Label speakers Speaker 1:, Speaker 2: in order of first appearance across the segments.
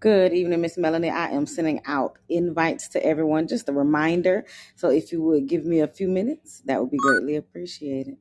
Speaker 1: Good evening, Miss Melanie. I am sending out invites to everyone, just a reminder. So if you would give me a few minutes, that would be greatly appreciated.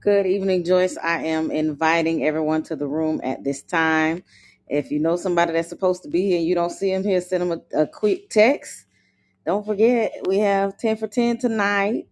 Speaker 1: Good evening, Joyce. I am inviting everyone to the room at this time. If you know somebody that's supposed to be here and you don't see them here, send them a, a quick text. Don't forget, we have 10 for 10 tonight.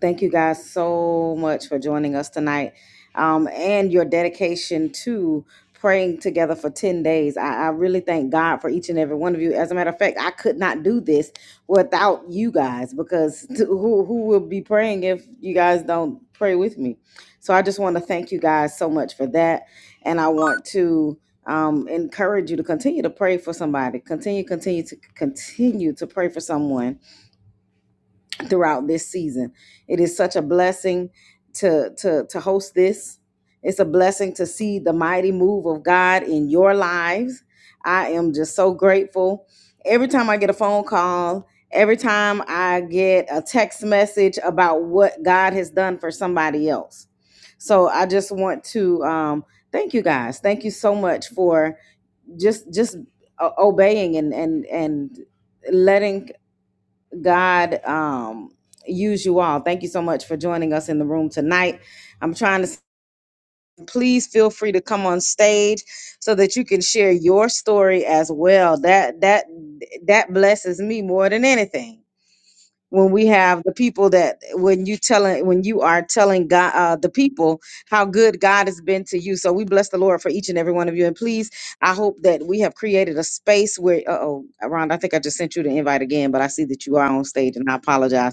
Speaker 1: Thank you guys so much for joining us tonight um, and your dedication to praying together for 10 days. I, I really thank God for each and every one of you. As a matter of fact, I could not do this without you guys because t- who, who will be praying if you guys don't pray with me? So I just want to thank you guys so much for that. And I want to um encourage you to continue to pray for somebody continue continue to continue to pray for someone throughout this season. It is such a blessing to to to host this. It's a blessing to see the mighty move of God in your lives. I am just so grateful. Every time I get a phone call, every time I get a text message about what God has done for somebody else. So I just want to um, thank you guys. Thank you so much for just just uh, obeying and and and letting God um, use you all. Thank you so much for joining us in the room tonight. I'm trying to please feel free to come on stage so that you can share your story as well. That that that blesses me more than anything. When we have the people that when you telling when you are telling God uh, the people how good God has been to you, so we bless the Lord for each and every one of you. And please, I hope that we have created a space where. Uh oh, Ron, I think I just sent you the invite again, but I see that you are on stage, and I apologize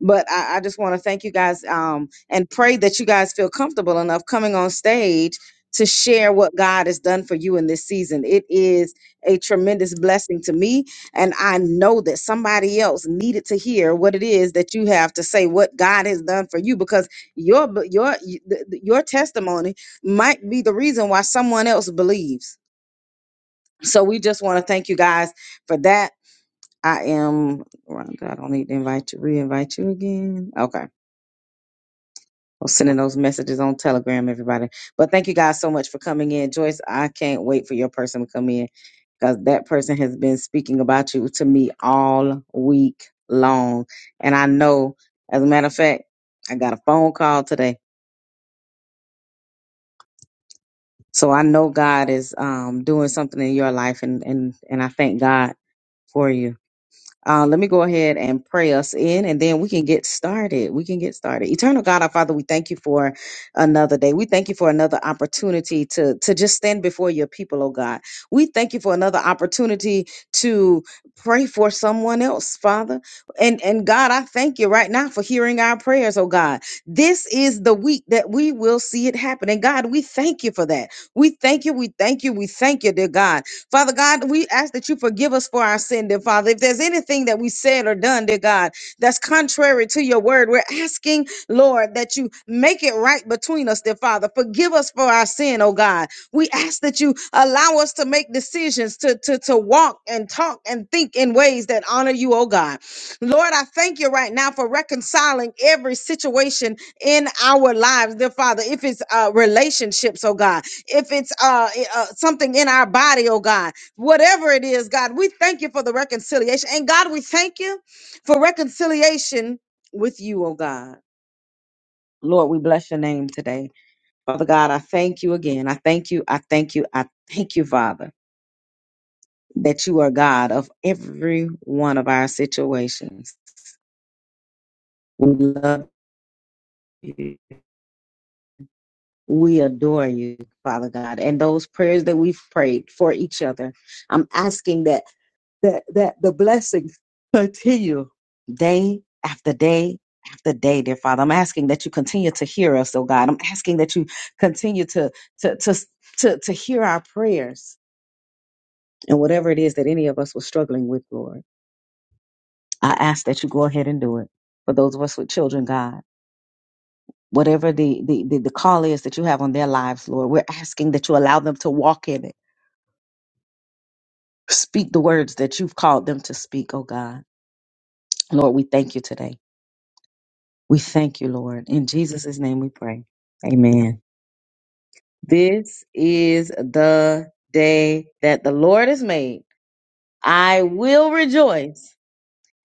Speaker 1: but I, I just want to thank you guys um, and pray that you guys feel comfortable enough coming on stage to share what God has done for you in this season. It is a tremendous blessing to me. And I know that somebody else needed to hear what it is that you have to say, what God has done for you, because your, your, your testimony might be the reason why someone else believes. So we just want to thank you guys for that. I am, oh, I don't need to invite you, re-invite you again. Okay. I'm sending those messages on Telegram, everybody. But thank you guys so much for coming in. Joyce, I can't wait for your person to come in because that person has been speaking about you to me all week long. And I know, as a matter of fact, I got a phone call today. So I know God is um, doing something in your life and, and, and I thank God for you. Uh, let me go ahead and pray us in, and then we can get started. We can get started. Eternal God, our Father, we thank you for another day. We thank you for another opportunity to to just stand before your people, oh God. We thank you for another opportunity to pray for someone else, Father. And and God, I thank you right now for hearing our prayers, oh God. This is the week that we will see it happen, and God, we thank you for that. We thank you. We thank you. We thank you, dear God Father God, we ask that you forgive us for our sin, dear Father. If there's anything that we said or done, dear God, that's contrary to your word, we're asking, Lord, that you make it right between us, dear Father. Forgive us for our sin, oh God. We ask that you allow us to make decisions to, to, to walk and talk and think in ways that honor you, oh God. Lord, I thank you right now for reconciling every situation in our lives, dear Father. If it's uh, relationships, oh God, if it's uh, i- uh something in our body oh god whatever it is god we thank you for the reconciliation and god we thank you for reconciliation with you oh god lord we bless your name today father god i thank you again i thank you i thank you i thank you father that you are god of every one of our situations we love you we adore you father god and those prayers that we've prayed for each other i'm asking that that that the blessings continue day after day after day, dear Father. I'm asking that you continue to hear us, oh God. I'm asking that you continue to to to to, to hear our prayers and whatever it is that any of us were struggling with, Lord. I ask that you go ahead and do it. For those of us with children, God. Whatever the, the, the, the call is that you have on their lives, Lord, we're asking that you allow them to walk in it. Speak the words that you've called them to speak, oh God. Lord, we thank you today. We thank you, Lord. In Jesus' name we pray. Amen. This is the day that the Lord has made. I will rejoice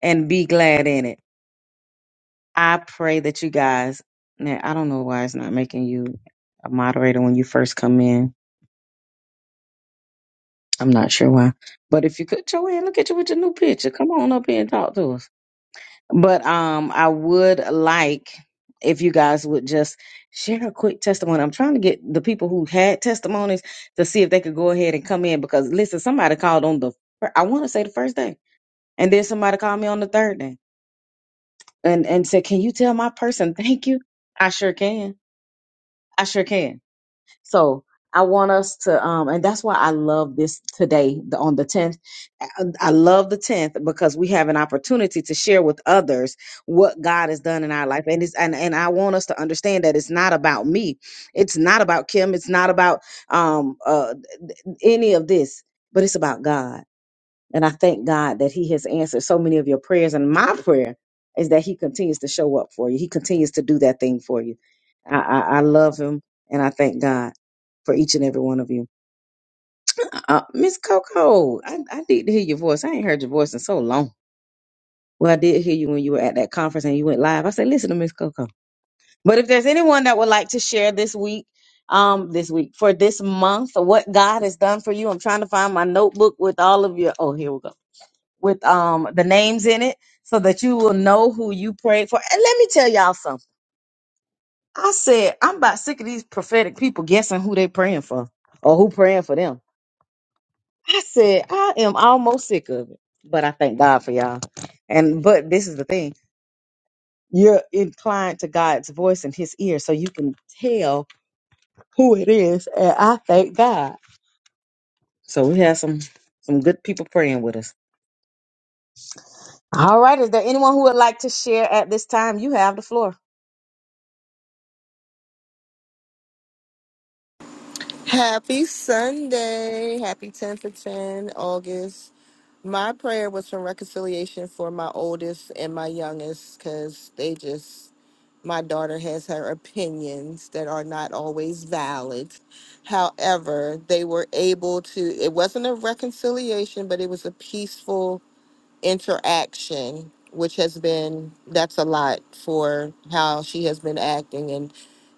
Speaker 1: and be glad in it. I pray that you guys, now I don't know why it's not making you a moderator when you first come in. I'm not sure why. But if you could, Joanne, look at you with your new picture. Come on up here and talk to us. But um, I would like if you guys would just share a quick testimony. I'm trying to get the people who had testimonies to see if they could go ahead and come in because listen, somebody called on the fir- I want to say the first day, and then somebody called me on the third day and and said, "Can you tell my person thank you?" I sure can. I sure can. So I want us to, um, and that's why I love this today the, on the 10th. I I love the 10th because we have an opportunity to share with others what God has done in our life. And it's, and, and I want us to understand that it's not about me. It's not about Kim. It's not about, um, uh, any of this, but it's about God. And I thank God that He has answered so many of your prayers. And my prayer is that He continues to show up for you. He continues to do that thing for you. I, I, I love him and I thank God for each and every one of you. Uh, Miss Coco, I, I need to hear your voice. I ain't heard your voice in so long. Well, I did hear you when you were at that conference and you went live. I said, listen to Miss Coco. But if there's anyone that would like to share this week, um, this week for this month, what God has done for you, I'm trying to find my notebook with all of your. Oh, here we go. With um the names in it, so that you will know who you prayed for. And let me tell y'all something. I said, I'm about sick of these prophetic people guessing who they praying for or who praying for them. I said, I am almost sick of it. But I thank God for y'all. And but this is the thing. You're inclined to God's voice in his ear so you can tell who it is. And I thank God. So we have some some good people praying with us. All right. Is there anyone who would like to share at this time? You have the floor.
Speaker 2: Happy Sunday. Happy 10 for 10, August. My prayer was for reconciliation for my oldest and my youngest because they just, my daughter has her opinions that are not always valid. However, they were able to, it wasn't a reconciliation, but it was a peaceful interaction, which has been that's a lot for how she has been acting and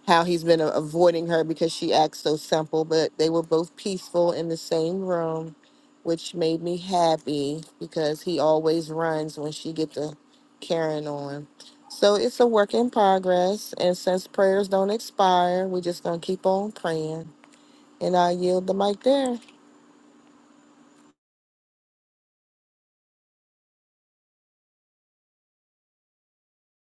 Speaker 2: how he's been a- avoiding her because she acts so simple. But they were both peaceful in the same room, which made me happy because he always runs when she get the carrying on. So it's a work in progress, and since prayers don't expire, we're just gonna keep on praying. And I yield the mic there.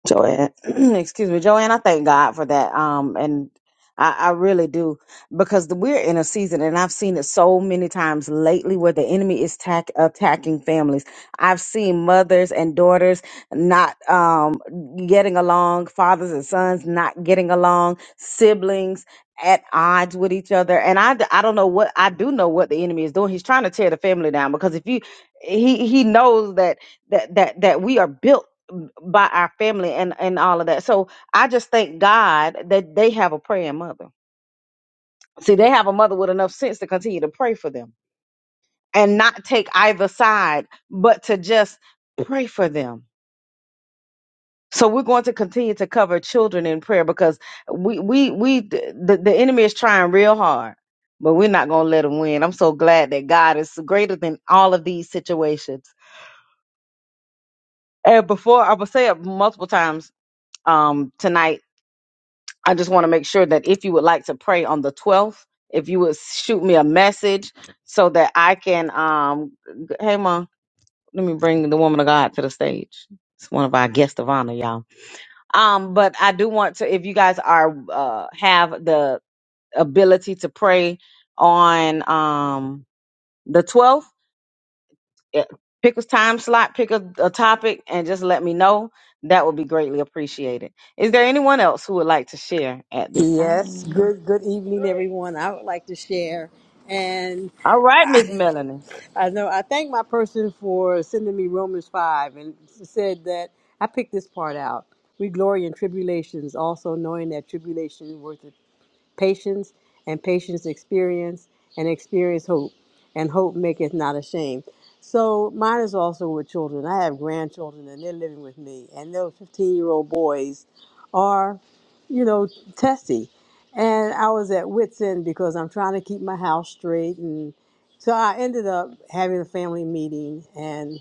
Speaker 1: Joanne, excuse me, Joanne, I thank God for that. Um, and I, I really do because the, we're in a season, and I've seen it so many times lately where the enemy is tack, attacking families. I've seen mothers and daughters not um, getting along, fathers and sons not getting along, siblings at odds with each other. And I, d- I don't know what I do know what the enemy is doing. He's trying to tear the family down because if you he he knows that that that that we are built m- by our family and and all of that. So I just thank God that they have a praying mother. See, they have a mother with enough sense to continue to pray for them and not take either side, but to just pray for them. So we're going to continue to cover children in prayer because we we we the, the enemy is trying real hard, but we're not going to let him win. I'm so glad that God is greater than all of these situations. And before I will say it multiple times um tonight I just want to make sure that if you would like to pray on the 12th, if you would shoot me a message so that I can, um, g- hey, ma, let me bring the woman of God to the stage. It's one of our guests of honor, y'all. Um, but I do want to, if you guys are, uh, have the ability to pray on, um, the 12th, eh, pick a time slot, pick a, a topic and just let me know. That would be greatly appreciated. Is there anyone else who would like to share at this
Speaker 3: Yes,
Speaker 1: time?
Speaker 3: good good evening,
Speaker 4: Great,
Speaker 3: everyone. I would like to share, and
Speaker 1: All right, Miss Melanie.
Speaker 3: I know I thank my person for sending me Romans five, and said that I picked this part out. We glory in tribulations, also knowing that tribulation worth patience, and patience experience, and experience hope, and hope maketh not ashamed. So mine is also with children. I have grandchildren, and they're living with me, and those 15 year old boys are, you know, testy. And I was at wits end because I'm trying to keep my house straight, and so I ended up having a family meeting, and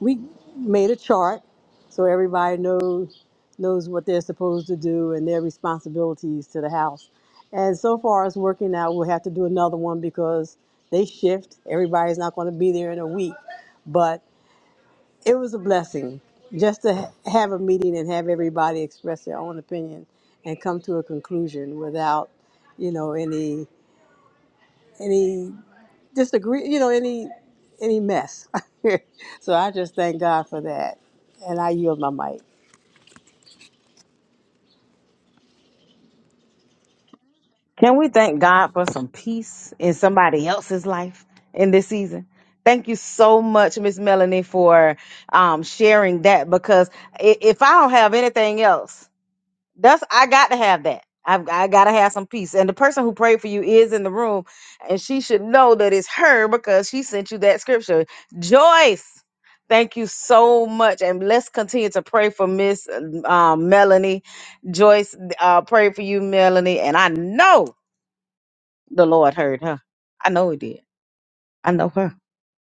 Speaker 3: we made a chart so everybody knows knows what they're supposed to do and their responsibilities to the house. And so far as working out, we'll have to do another one because they shift. Everybody's not going to be there in a week, but it was a blessing just to ha- have a meeting and have everybody express their own opinion and come to a conclusion without, you know, any any disagree, you know, any any mess. so I just thank God for that, and I yield my mic.
Speaker 1: Can we thank God for some peace in somebody else's life in this season? Thank you so much, Miss Melanie, for um, sharing that because i- if I don't have anything else, That's I got to have that. I've I gotta have some peace. And the person who prayed for you is in the room, and she should know that it's her because she sent you that scripture. Joyce, thank you so much. And let's continue to pray for Miss um, Melanie. Joyce, uh, pray for you, Melanie. And I know the Lord heard her. I know he did. I know her.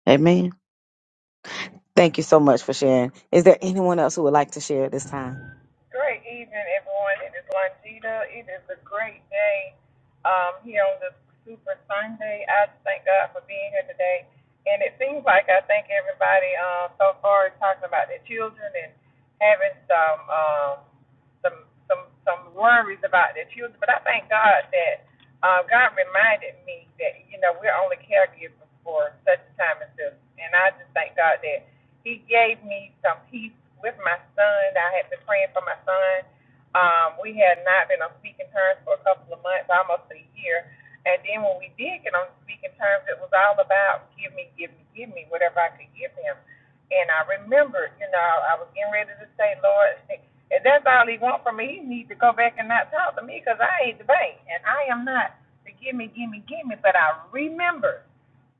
Speaker 1: Amen. Thank you so much for sharing. Is there anyone else who would like to share at this time?
Speaker 4: great evening, everyone. It is Longita. It is a great day um, here on this Super Sunday. I just thank God for being here today. And it seems like I think everybody um, so far is talking about their children and having some. Um, some some some worries about their children. But I thank God that uh, God reminded me that you know we're only caregivers for such a time as this, and I just thank God that He gave me some peace with my son. I had been praying for my son. Um, we had not been on speaking terms for a couple of months, almost a year. And then when we did get on speaking terms, it was all about give me, give me, give me whatever I could give him. And I remembered, you know, I was getting ready to say, Lord, if that's all he want from me, he needs to go back and not talk to me because I ain't the bank and I am not the gimme, gimme, gimme. But I remember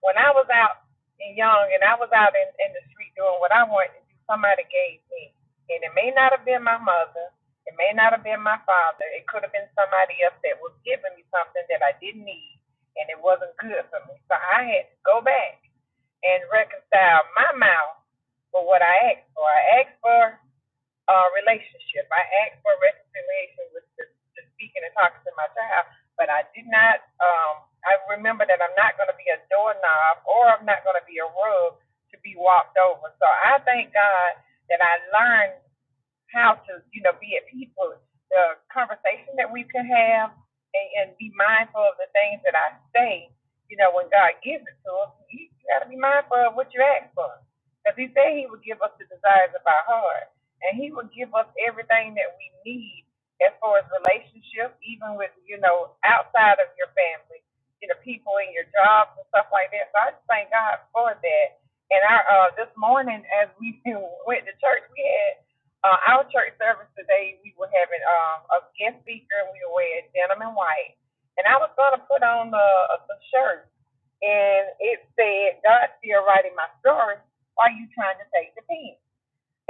Speaker 4: when I was out and young and I was out in, in the street doing what I wanted to do, somebody gave me. And it may not have been my mother, it may not have been my father, it could have been somebody else that was giving me something that I didn't need and it wasn't good for me. So I had to go back and reconcile my mouth for what I asked for. I asked for uh, relationship. I asked for reconciliation with the, the speaking and talking to my child, but I did not. Um, I remember that I'm not going to be a doorknob or I'm not going to be a rug to be walked over. So I thank God that I learned how to, you know, be at peace with the conversation that we could have and, and be mindful of the things that I say. You know, when God gives it to us, you got to be mindful of what you ask for. Because He said He would give us the desires of our heart. And He would give us everything that we need as far as relationships, even with, you know, outside of your family, you know, people in your jobs and stuff like that. So I just thank God for that. And our, uh, this morning, as we went to church, we had uh, our church service today, we were having um, a guest speaker, and we were wearing denim and white. And I was going to put on the, uh, the shirt, and it said, "God's still writing my story. Why are you trying to take the pen?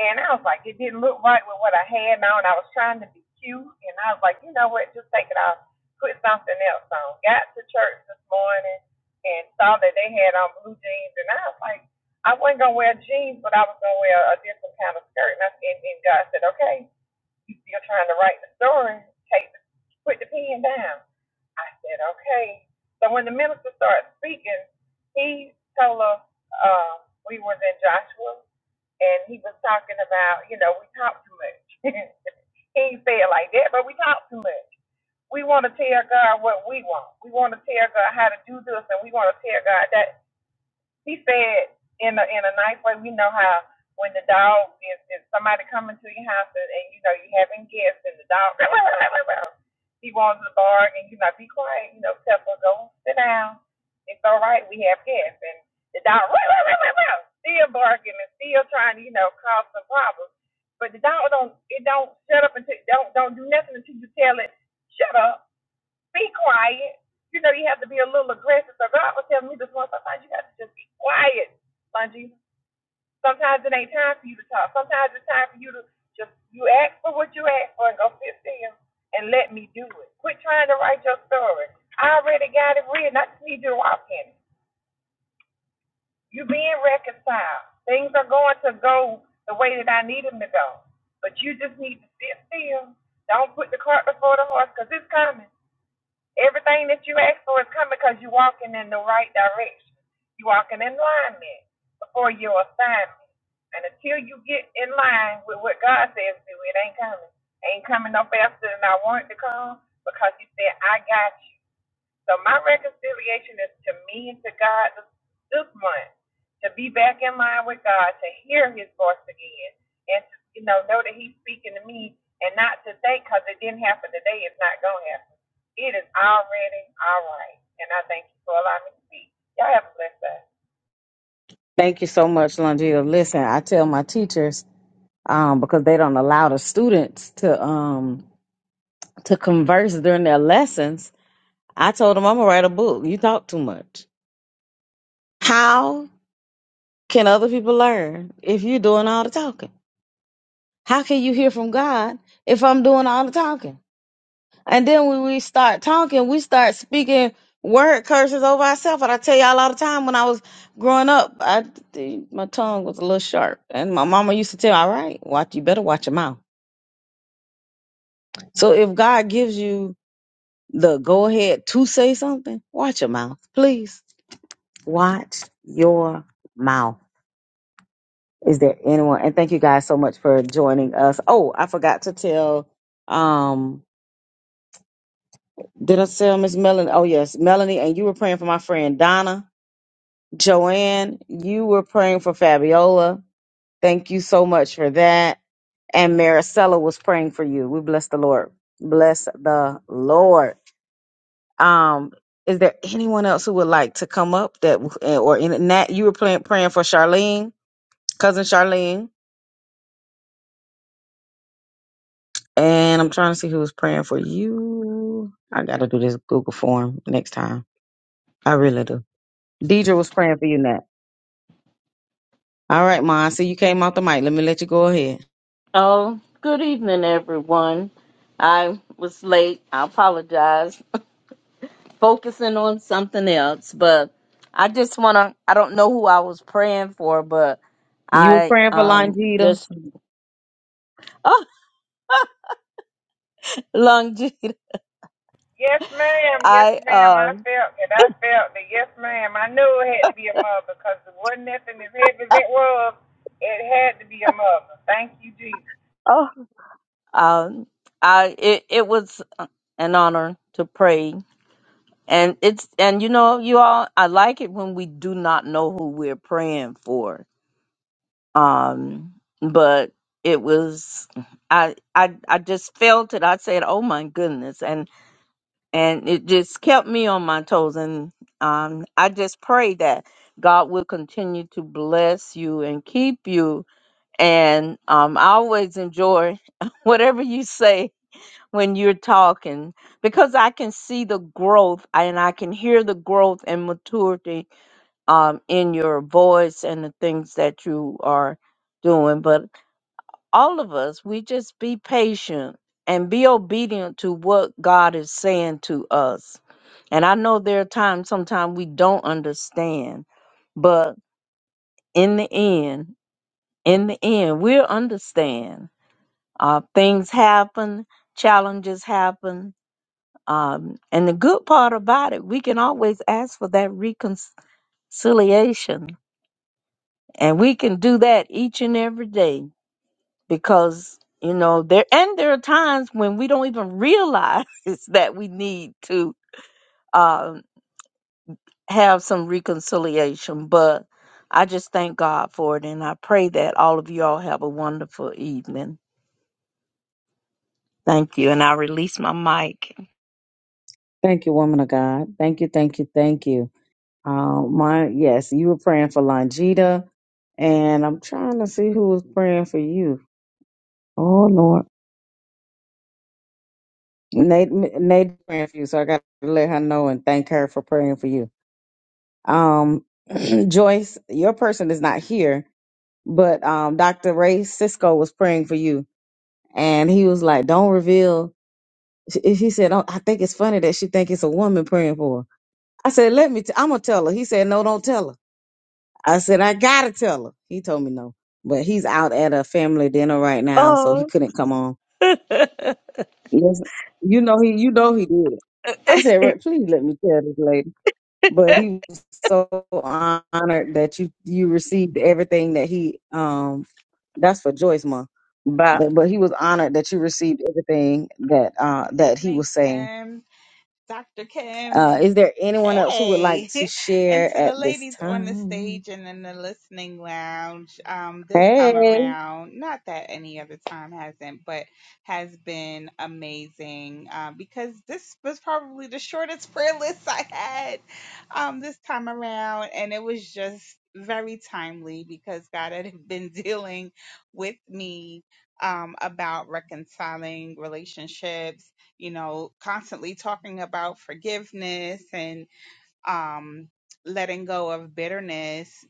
Speaker 4: And I was like, it didn't look right with what I had on. I was trying to be cute, and I was like, you know what? Just take it off. Put something else on. Got to church this morning and saw that they had on blue jeans, and I was like, I wasn't gonna wear jeans, but I was gonna wear a different kind of skirt. And I said, and God said, okay, you still trying to write the story? Take the, put the pen down. I said, okay. So when the minister started speaking, he told us uh, we was in Joshua and he was talking about, you know, we talk too much. he ain't say it like that, but we talk too much. We want to tell God what we want. We want to tell God how to do this, and we want to tell God that he said in a in a nice way, we know how when the dog is, is somebody coming to your house and, and you know you having guests and the dog he wants to bark and you know be quiet, you know, Pepper, go sit down. It's all right, we have guests and the dog still barking and still trying to, you know, cause some problems. But the dog don't it don't shut up until don't don't do nothing until you tell it, shut up be quiet. You know, you have to be a little aggressive. So God was telling me this one, sometimes you have to just be quiet, Bungie. Sometimes it ain't time for you to talk. Sometimes it's time for you to just, you ask for what you ask for and go sit still and let me do it. Quit trying to write your story. I already got it written. I just need you to walk in it. You being reconciled. Things are going to go the way that I need them to go. But you just need to sit still. Don't put the cart before the horse because it's coming. Everything that you ask for is coming because you're walking in the right direction. You're walking in alignment before your assignment. And until you get in line with what God says to do, it ain't coming. It Ain't coming no faster than I want it to come because He said, I got you. So my reconciliation is to me and to God this, month to be back in line with God, to hear His voice again, and to, you know know that He's speaking to me, and not to think because it didn't happen today, it's not gonna happen. It is already all right, and I thank you for allowing me to speak. Y'all have a blessed day.
Speaker 1: Thank you so much, Longita. Listen, I tell my teachers um, because they don't allow the students to um, to converse during their lessons. I told them I'm gonna write a book. You talk too much. How can other people learn if you're doing all the talking? How can you hear from God if I'm doing all the talking? And then when we start talking, we start speaking word curses over ourselves. And I tell y'all all the time when I was growing up, I my tongue was a little sharp, and my mama used to tell, "All right, watch you better watch your mouth." So if God gives you the go ahead to say something, watch your mouth, please. Watch your mouth. Is there anyone? And thank you guys so much for joining us. Oh, I forgot to tell. Um, did I tell Miss Melanie? Oh yes, Melanie, and you were praying for my friend Donna, Joanne. You were praying for Fabiola. Thank you so much for that. And Maricela was praying for you. We bless the Lord. Bless the Lord. Um, is there anyone else who would like to come up that or in that you were praying praying for Charlene, cousin Charlene? And I'm trying to see who's praying for you. I gotta do this Google form next time. I really do. Deidre was praying for you, Nat. All right, Ma. So you came out the mic. Let me let you go ahead.
Speaker 5: Oh, good evening, everyone. I was late. I apologize. Focusing on something else, but I just want to. I don't know who I was praying for, but
Speaker 1: You were
Speaker 5: I
Speaker 1: praying for
Speaker 5: um
Speaker 1: Longita.
Speaker 5: just oh Longjeet.
Speaker 4: Yes, ma'am. Yes,
Speaker 5: I
Speaker 4: ma'am.
Speaker 5: uh
Speaker 4: I felt it. I felt it. Yes, ma'am. I knew it had to be a mother because it wasn't nothing as heavy as it was. It had to be a mother. Thank you, Jesus.
Speaker 5: oh um I it it was an honor to pray, and it's and you know you all I like it when we do not know who we're praying for um but it was I, I i just felt it i said oh my goodness and and it just kept me on my toes and um i just pray that god will continue to bless you and keep you and um i always enjoy whatever you say when you're talking because i can see the growth and i can hear the growth and maturity um in your voice and the things that you are doing but all of us, we just be patient and be obedient to what God is saying to us. And I know there are times sometimes we don't understand, but in the end, in the end, we'll understand. Uh, things happen, challenges happen. Um, and the good part about it, we can always ask for that reconciliation. And we can do that each and every day because you know there and there are times when we don't even realize that we need to um, have some reconciliation but i just thank god for it and i pray that all of you all have a wonderful evening thank you and i release my mic
Speaker 1: Thank you, woman of God. Thank you, thank you, thank you. Um, my yes, you were praying for Longita, and I'm trying to see who was praying for you. Oh Lord, Nate, Nate praying for you. So I gotta let her know and thank her for praying for you. Um, Joyce, your person is not here, but um, Dr. Ray Cisco was praying for you, and he was like, "Don't reveal." She- He said, "Oh, "I think it's funny that she think it's a woman praying for her." I said, "Let me. T- I'm gonna tell her." He said, "No, don't tell her." I said, "I gotta tell her." He told me no, but he's out at a family dinner right now, so he
Speaker 5: oh
Speaker 1: couldn't come on.
Speaker 5: but
Speaker 1: Yes, you know he. You know he did. it. I said, "Ray, "Please let me tell this lady." But he was so honored that you you received everything that he um. That's for Joyce Month But but he was honored that you received everything that uh,
Speaker 6: Good
Speaker 1: that he
Speaker 6: evening,
Speaker 1: was saying.
Speaker 6: Kim, Dr. Kim,
Speaker 1: Uh, is
Speaker 6: and
Speaker 1: there anyone else who would like
Speaker 6: hey,
Speaker 1: to
Speaker 6: and
Speaker 1: share
Speaker 6: to the
Speaker 1: at this
Speaker 6: ladies on the
Speaker 1: time?
Speaker 6: stage and in the listening lounge. Um, this time
Speaker 1: Hey,
Speaker 6: around, not that any other time hasn't, but has been amazing. Uh, because this was probably the shortest prayer list I had, um, this time around, and it was just very timely because God had been dealing with me um, about reconciling relationships you know, constantly talking about forgiveness and um, letting go of bitterness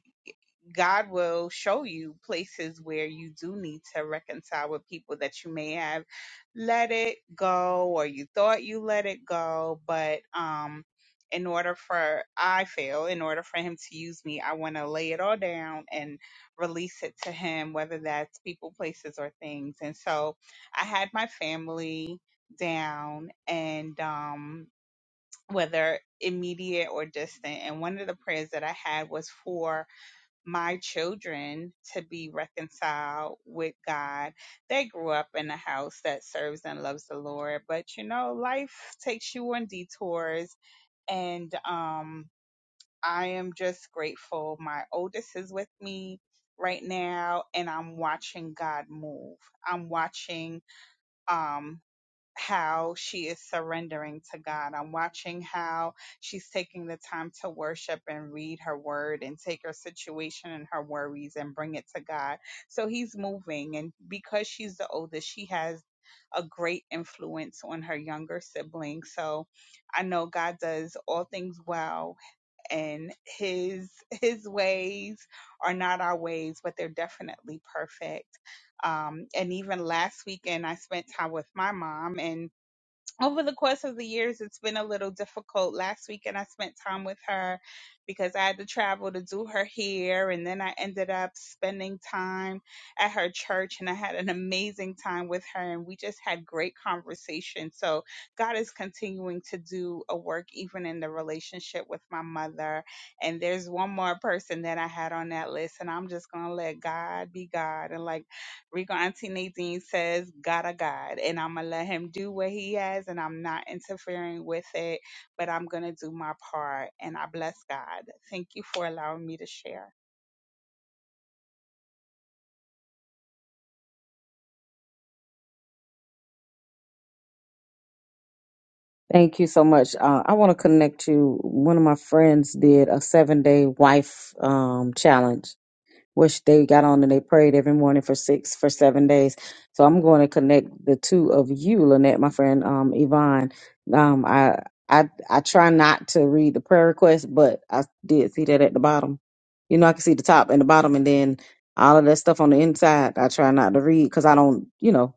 Speaker 6: God will show you places where you do need to reconcile with people that you may have let it go or you thought you let it go, but um in order for I feel, in order for him to use me, I want to lay it all down and release it to him, whether that's people, places, or things. And so I had my family down and um whether immediate or distant. And one of the prayers that I had was for my children to be reconciled with God. They grew up in a house that serves and loves the Lord, but you know, life takes you on detours and um I am just grateful my oldest is with me right now and I'm watching God move. I'm watching um how she is surrendering to God. I'm watching how she's taking the time to worship and read her word and take her situation and her worries and bring it to God. So he's moving. And because she's the oldest, she has a great influence on her younger sibling. So I know God does all things well and his his ways are not our ways, but they're definitely perfect. Um, and even last weekend I spent time with my mom and over the course of the years, it's been a little difficult. Last weekend, I spent time with her because I had to travel to do her hair, and then I ended up spending time at her church, and I had an amazing time with her, and we just had great conversation. So God is continuing to do a work even in the relationship with my mother, and there's one more person that I had on that list, and I'm just gonna let God be God and like. Rico Auntie Nadine says, God a God, and I'm gonna let him do what he has, and I'm not interfering with it, but I'm gonna do my part, and I bless God. Thank you for allowing me to share.
Speaker 1: thank you so much. Uh, I want to connect you. One of my friends did a seven day wife um, challenge which they got on and they prayed every morning for six for seven days. So I'm going to connect the two of you, Lynette, my friend um, Yvonne. Um, I I I try not to read the prayer request, but I did see that at the bottom. You know, I can see the top and the bottom, and then all of that stuff on the inside. I try not to read because I don't, you know,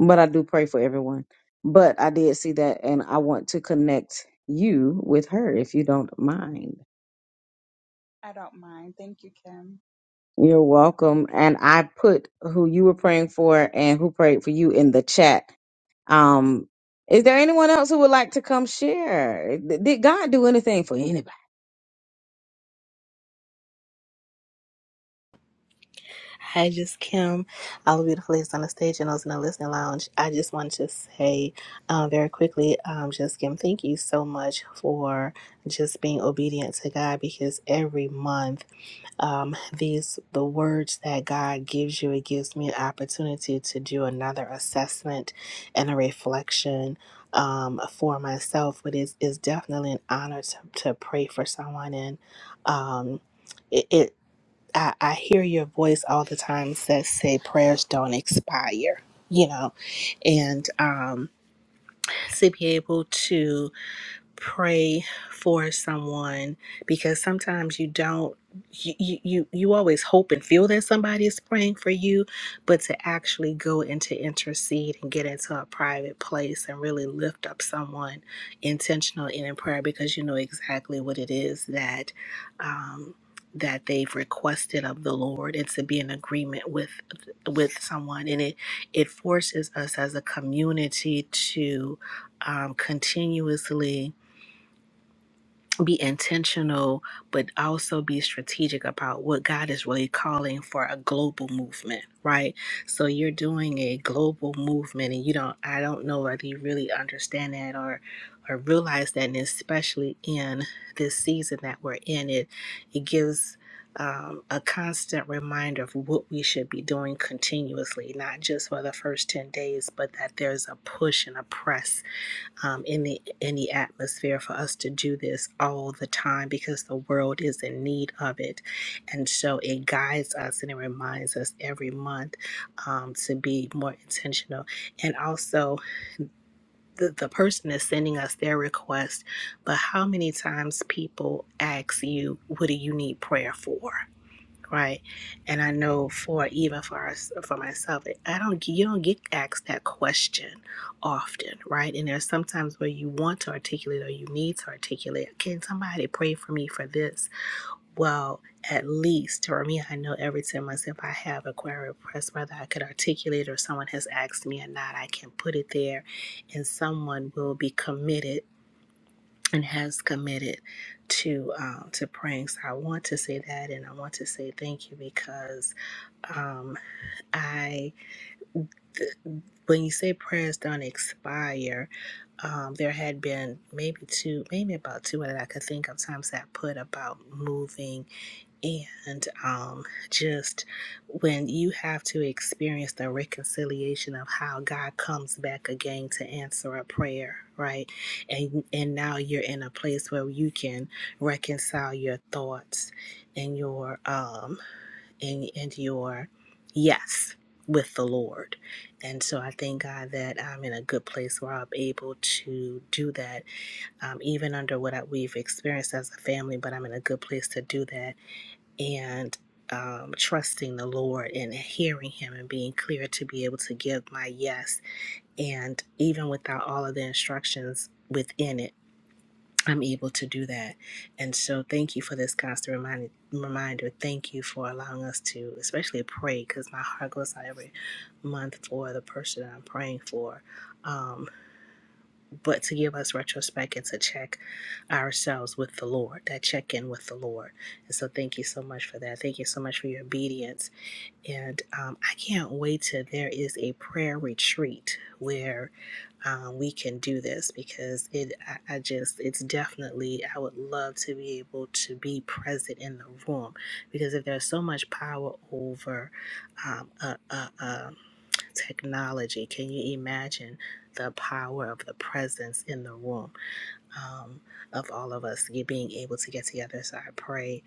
Speaker 1: but I do pray for everyone. But I did see that, and I want to connect you with her if you don't mind.
Speaker 6: I don't mind. Thank you, Kim.
Speaker 1: You're welcome. And I put who you were praying for and who prayed for you in the chat. Um, is there anyone else who would like to come share? Th- Did God do anything for anybody?
Speaker 7: Hi, just Kim. All the beautiful ladies on the stage and those in the listening lounge. I just want to say uh, very quickly, um, just Kim, thank you so much for just being obedient to God because every month, um, these the words that God gives you, it gives me an opportunity to do another assessment and a reflection um, for myself. But it's, it's definitely an honor to, to pray for someone and um, it, it I, I hear your voice all the time that say prayers don't expire, you know, and um, to be able to pray for someone because sometimes you don't you, you you you always hope and feel that somebody is praying for you but to actually go into intercede and get into a private place and really lift up someone intentional and in prayer because you know exactly what it is that um that they've requested of the lord and to be in agreement with with someone and it it forces us as a community to um, continuously be intentional, but also be strategic about what God is really calling for a global movement, right? So you're doing a global movement, and you don't, I don't know whether you really understand that or or realize that, and especially in this season that we're in, it it gives. Um, a constant reminder of what we should be doing continuously, not just for the first 10 days, but that there's a push and a press um, in the in the atmosphere for us to do this all the time because the world is in need of it, and so it guides us and it reminds us every month um, to be more intentional. And also, the the person is sending us their request, but how many times people ask you, "What do you need prayer for?" right? And I know for even for us, for myself, I don't you don't get asked that question often, right? And there's sometimes where you want to articulate or you need to articulate. Can somebody pray for me for this? Well, at least for me, I know every ten months if I have a prayer request, whether I could articulate or someone has asked me or not, I can put it there, and someone will be committed and has committed to um, to praying. So I want to say that, and I want to say thank you because um, I, th- when you say prayers don't expire, um, there had been maybe two, maybe about two that I could think of times that I put about moving. And um, just when you have to experience the reconciliation of how God comes back again to answer a prayer, right? And and now you're in a place where you can reconcile your thoughts and your um and and your yes with the Lord. And so I thank God that I'm in a good place where I'm able to do that, um, even under what I, we've experienced as a family. But I'm in a good place to do that and um, trusting the Lord and hearing Him and being clear to be able to give my yes. And even without all of the instructions within it, I'm able to do that. And so, thank you for this constant remind- reminder. Thank you for allowing us to, especially pray, because my heart goes out every month for the person I'm praying for. Um, but to give us retrospect and to check ourselves with the Lord, that check in with the Lord. And so, thank you so much for that. Thank you so much for your obedience. And um, I can't wait till there is a prayer retreat where um, we can do this because it, I, I just, it's definitely, I would love to be able to be present in the room because if there's so much power over um, a, a, a technology. Can you imagine the power of the presence in the room um, of all of us being able to get together? So I pray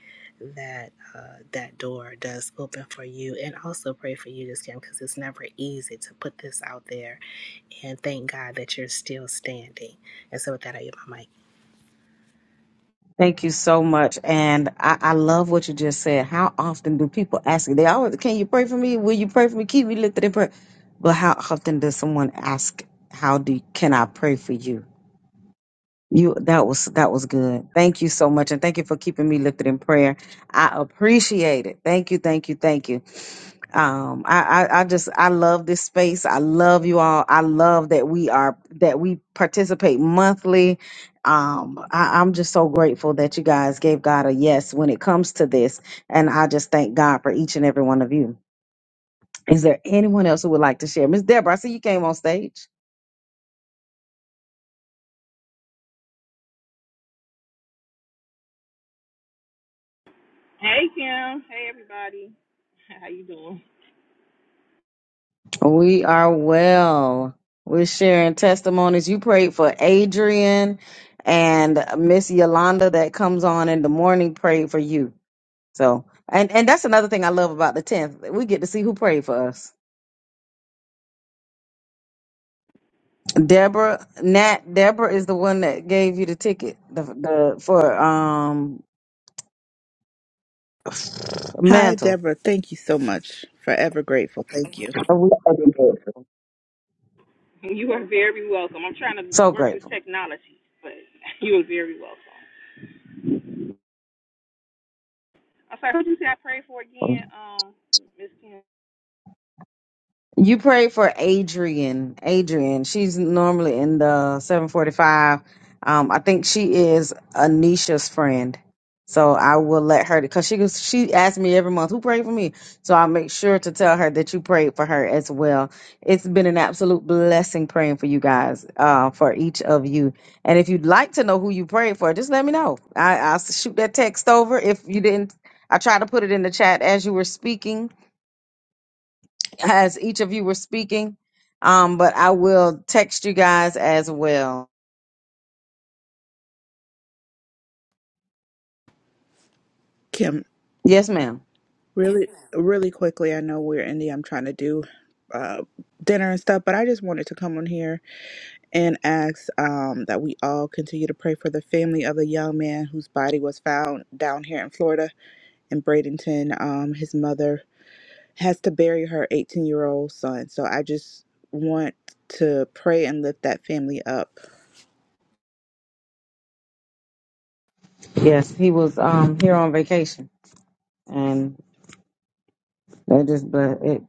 Speaker 7: that uh, that door does open for you, and also pray for you, just Kim, because it's never easy to put this out there. And thank God that you're still standing. And so with that, I give my mic.
Speaker 1: Thank you so much. And I, I love what you just said. How often do people ask you? They always, can you pray for me? Will you pray for me? Keep me lifted in prayer. But how often does someone ask, how do can I pray for you? You that was that was good. Thank you so much, and thank you for keeping me lifted in prayer. I appreciate it. Thank you, thank you, thank you. um I, I i just i love this space i love you all i love that we are that we participate monthly um I, i'm just so grateful that you guys gave god a yes when it comes to this and i just thank god for each and every one of you is there anyone else who would like to share miss deborah i see you came on stage
Speaker 8: Hey Kim. Hey everybody. How you doing?
Speaker 1: We are well. We're sharing testimonies. You prayed for Adrian and Miss Yolanda that comes on in the morning prayed for you. So, and and that's another thing I love about the 10th. We get to see who prayed for us. Deborah, Nat, Deborah is the one that gave you the ticket the, the for um
Speaker 9: Hi,
Speaker 1: mantle.
Speaker 9: Deborah. Thank you so much. Forever grateful. Thank you.
Speaker 1: So we are grateful.
Speaker 8: You are very welcome. I'm trying to
Speaker 1: So
Speaker 8: work this
Speaker 1: grateful.
Speaker 8: technology, but you are very welcome. I'm sorry, who did you say I prayed for again? Um, Miss Kim.
Speaker 1: You pray for Adrian. Adrian, she's normally in the 745. Um, I think she is Anisha's friend. So I will let her because she goes- she asks me every month who prayed for me. So I'll make sure to tell her that you prayed for her as well. It's been an absolute blessing praying for you guys, uh, for each of you. And if you'd like to know who you prayed for, just let me know. I, I'll shoot that text over if you didn't. I tried to put it in the chat as you were speaking as each of you were speaking. Um, but I will text you guys as well.
Speaker 9: Kim,
Speaker 1: Yes, ma'am.
Speaker 9: really, really quickly, I know we're in the, I'm trying to do uh, dinner and stuff, but I just wanted to come on here and ask um, that we all continue to pray for the family of the young man whose body was found down here in Florida in Bradenton. Um, his mother has to bury her 18 year old son. So I just want to pray and lift that family up
Speaker 1: Yes, he was um here on vacation, and that just but it.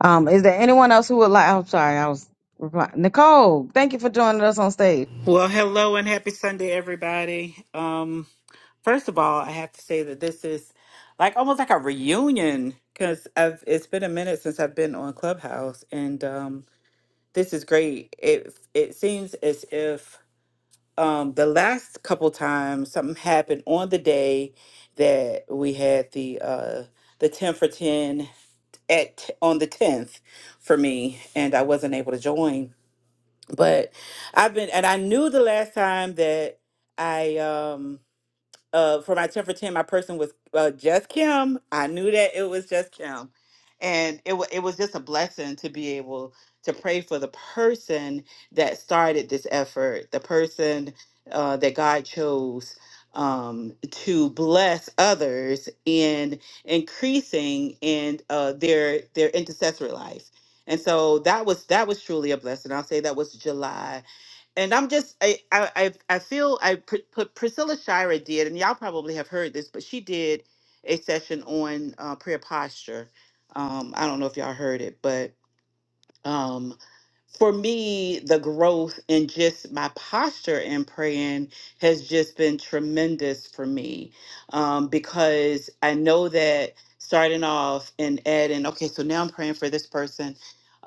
Speaker 1: Um, is there anyone else who would like? I'm sorry, I was replying. Nicole, thank you for joining us on stage.
Speaker 10: Well, hello and happy Sunday, everybody. Um, first of all, I have to say that this is like almost like a reunion because I've it's been a minute since I've been on Clubhouse, and um, this is great. It it seems as if um, the last couple times something happened on the day that we had the uh, the ten for ten at on the tenth for me, and I wasn't able to join. But I've been, and I knew the last time that I um uh, for my 10 for 10, my person was uh, just Kim. I knew that it was just Kim. And it, wa it was just a blessing to be able to pray for the person that started this effort, the person uh, that God chose um, to bless others in increasing in uh, their their intercessory life. And so that was that was truly a blessing. I'll say that was July and I'm just I I I I feel I pr- put Priscilla Shira did, and y'all probably have heard this, but she did a session on uh, prayer posture. Um, I don't know if y'all heard it, but um for me the growth and just my posture in praying has just been tremendous for me um because i know that starting off and adding okay so now i'm praying for this person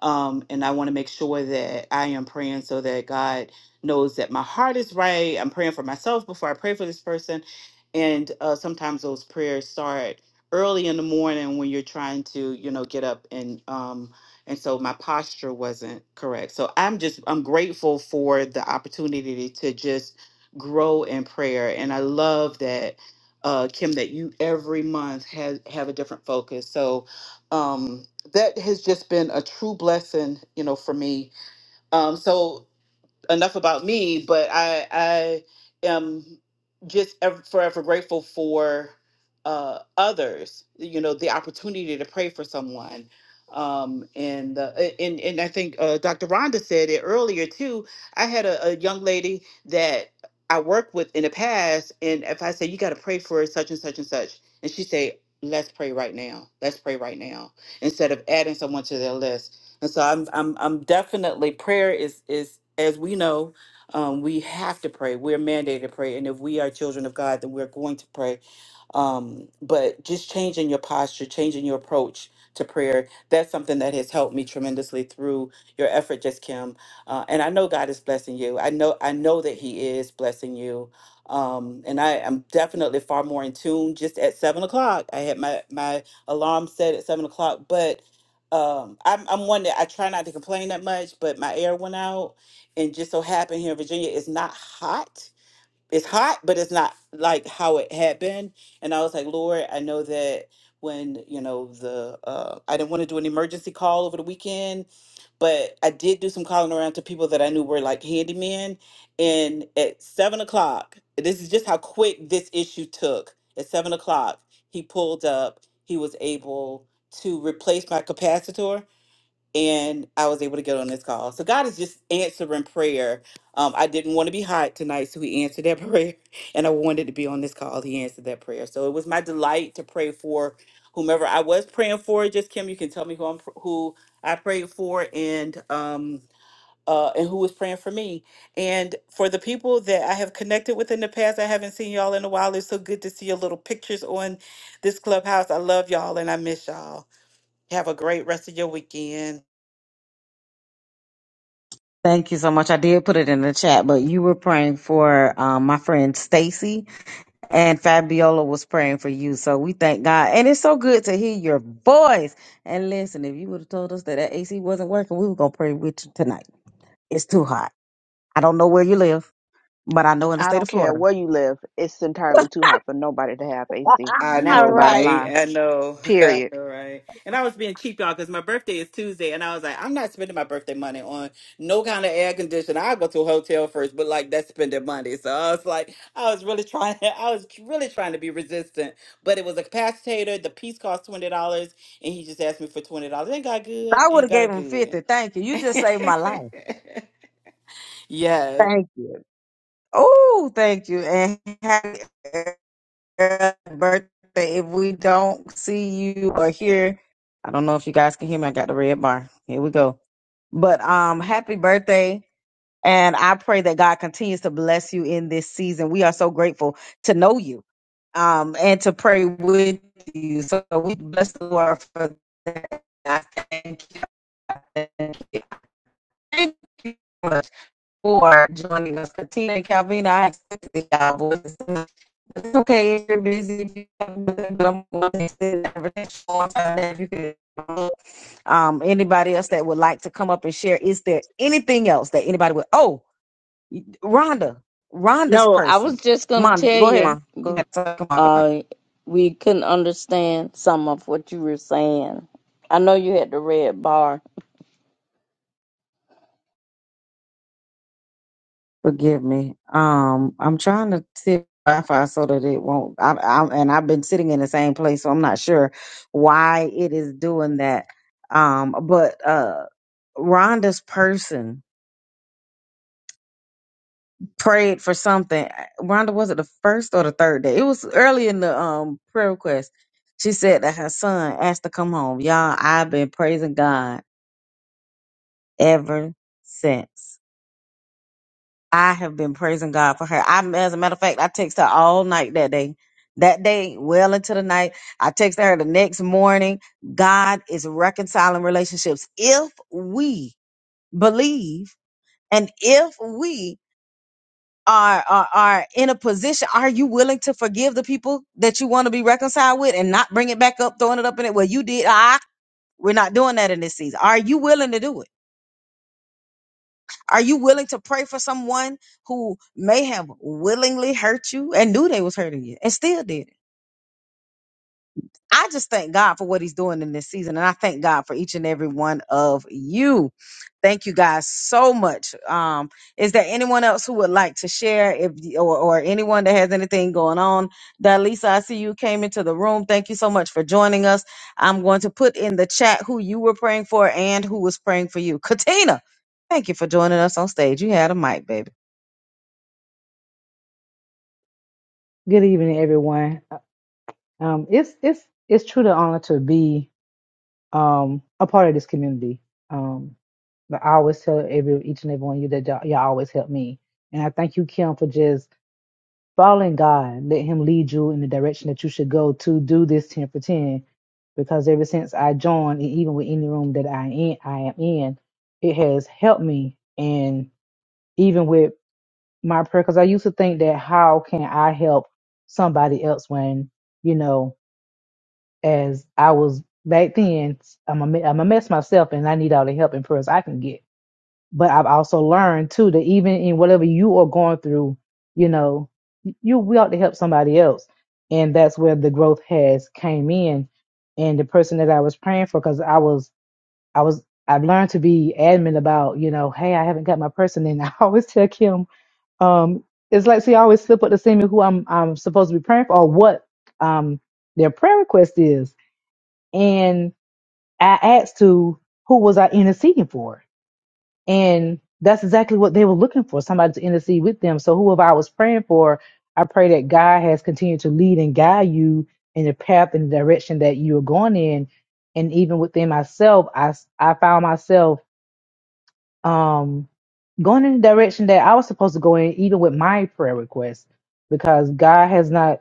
Speaker 10: um and i want to make sure that i am praying so that god knows that my heart is right i'm praying for myself before i pray for this person and uh sometimes those prayers start early in the morning when you're trying to you know get up and um and so my posture wasn't correct so i'm just i'm grateful for the opportunity to just grow in prayer and i love that uh kim that you every month has have a different focus so um that has just been a true blessing you know for me um so enough about me, but I I am just ever, forever grateful for uh, others. You know, the opportunity to pray for someone. Um, and, uh, a- and and I think uh, Dr. Rhonda said it earlier too. I had a, a young lady that I worked with in the past, and if I say you got to pray for such and such and such, and she say let's pray right now, let's pray right now, instead of adding someone to their list and so I'm I'm I'm definitely prayer is is as we know, um, we have to pray. We're mandated to pray, and if we are children of God, then we're going to pray. Um, but just changing your posture, changing your approach to prayer, that's something that has helped me tremendously through your effort, just Kim. Uh, and I know God is blessing you. I know I know that He is blessing you. Um, and I am definitely far more in tune. Just at seven o'clock, I had my my alarm set at seven o'clock, but um I'm I'm one that I try not to complain that much, but my air went out and just so happened here in Virginia it's not hot. It's hot, but it's not like how it had been. And I was like, Lord, I know that when, you know, the uh I didn't want to do an emergency call over the weekend, but I did do some calling around to people that I knew were like handymen. And at seven o'clock, this is just how quick this issue took. At seven o'clock, he pulled up, he was able to replace my capacitor and I was able to get on this call. So God is just answering prayer. Um, I didn't want to be hot tonight, so He answered that prayer, and I wanted to be on this call. He answered that prayer. So it was my delight to pray for whomever I was praying for. Just Kim, you can tell me who I'm pr- who I prayed for, and um. Uh, and who was praying for me and for the people that i have connected with in the past i haven't seen y'all in a while it's so good to see your little pictures on this clubhouse i love y'all and i miss y'all have a great rest of your weekend
Speaker 1: Thank you so much. I did put it in the chat, but you were praying for um, my friend Stacy And Fabiola was praying for you. So we thank God. And it's so good to hear your voice. And listen, if you would have told us that that AC wasn't working, we were going to pray with you tonight. It's too hot. I don't know where you live, but I know in the
Speaker 9: I
Speaker 1: state
Speaker 9: don't
Speaker 1: of
Speaker 9: care
Speaker 1: Florida.
Speaker 9: where you live. It's entirely too hot for nobody to have AC.
Speaker 10: I
Speaker 9: And that's
Speaker 10: know,
Speaker 9: the bottom
Speaker 10: right?
Speaker 9: line.
Speaker 10: I know. I
Speaker 9: Period.
Speaker 10: know, right? And I was being cheap, y'all, because my birthday is Tuesday, and I was like, I'm not spending my birthday money on no kind of air conditioner. I'll go to a hotel first, but like that's spending money. So I was like, I was really trying I was really trying to be resistant. But it was a capacitator. The piece cost twenty dollars, and he just asked me for twenty dollars. Ain't got good,
Speaker 1: I would
Speaker 10: ain't
Speaker 1: have gave
Speaker 10: got
Speaker 1: him
Speaker 10: good.
Speaker 1: 50. Thank you. You just saved my life.
Speaker 10: yes.
Speaker 1: Thank you. Oh, thank you. And happy early birthday. If we don't see you or hear, I don't know if you guys can hear me. I got the red bar. Here we go. But um, happy birthday. And I pray that God continues to bless you in this season. We are so grateful to know you um, and to pray with you. So we bless the Lord for that. I thank you. I Thank you. I Thank you so much for joining us. Katina and Calvin, I expect that y'all voices. It's okay if you're busy, if you have nothing, but I'm going to send everything on time if you could. Um, anybody else that would like to come up and share? Is there anything else that anybody would? Oh, Rhonda, Rhonda's
Speaker 5: no i was
Speaker 1: person.
Speaker 5: just going
Speaker 1: Mom,
Speaker 5: to tell
Speaker 1: go ahead.
Speaker 5: you,
Speaker 1: Mon. Go
Speaker 5: you
Speaker 1: ahead. Come on, come on.
Speaker 5: uh, we couldn't understand some of what you were saying i know you had the red bar
Speaker 1: Forgive me. Um, I'm trying to tip Wi-Fi so that it won't. I, I, and I've been sitting in the same place, so I'm not sure why it is doing that. Um, but uh, Rhonda's person prayed for something. Rhonda was it the first or the third day? It was early in the um prayer request. She said that her son asked to come home. Y'all, I've been praising God ever since. I have been praising God for her. I, as a matter of fact, I texted her all night that day. That day, well into the night, I texted her the next morning. God is reconciling relationships if we believe and if we are, are are in a position. Are you willing to forgive the people that you want to be reconciled with and not bring it back up, throwing it up in it? Well, you did. Ah, we're not doing that in this season. Are you willing to do it? Are you willing to pray for someone who may have willingly hurt you and knew they was hurting you and still did it? I just thank God for what he's doing in this season. And I thank God for each and every one of you. Thank you guys so much. Um, is there anyone else who would like to share if or, or anyone that has anything going on? Dalisa, I see you came into the room. Thank you so much for joining us. I'm going to put in the chat who you were praying for and who was praying for you. Katina, thank you for joining us on stage. You had a mic, baby.
Speaker 11: Good evening, everyone. Um, it's it's it's true to honor to be um, a part of this community. Um, but I always tell every each and every one of you that y'all, y'all always help me, and I thank you, Kim, for just following God. Let Him lead you in the direction that you should go to do this ten for ten. Because ever since I joined, and even with any room that I in, I am in, it has helped me. And even with my prayer, because I used to think that how can I help somebody else when you know as I was back then. I'm a, me- I'm a mess myself, and I need all the help and prayers I can get. But I've also learned too that even in whatever you are going through, you know, you we ought to help somebody else, and that's where the growth has came in. And the person that I was praying for, because I was, I was, I've learned to be adamant about, you know, hey, I haven't got my person, and I always tell Kim, um, it's like she always slip up to see me who I'm, I'm supposed to be praying for or what, um, their prayer request is. And I asked to who was I interceding for? And that's exactly what they were looking for, somebody to intercede with them. So whoever I was praying for, I pray that God has continued to lead and guide you in the path and the direction that you are going in. And even within myself, I, s- I found myself um, going in the direction that I was supposed to go in, even with my prayer requests, because God has not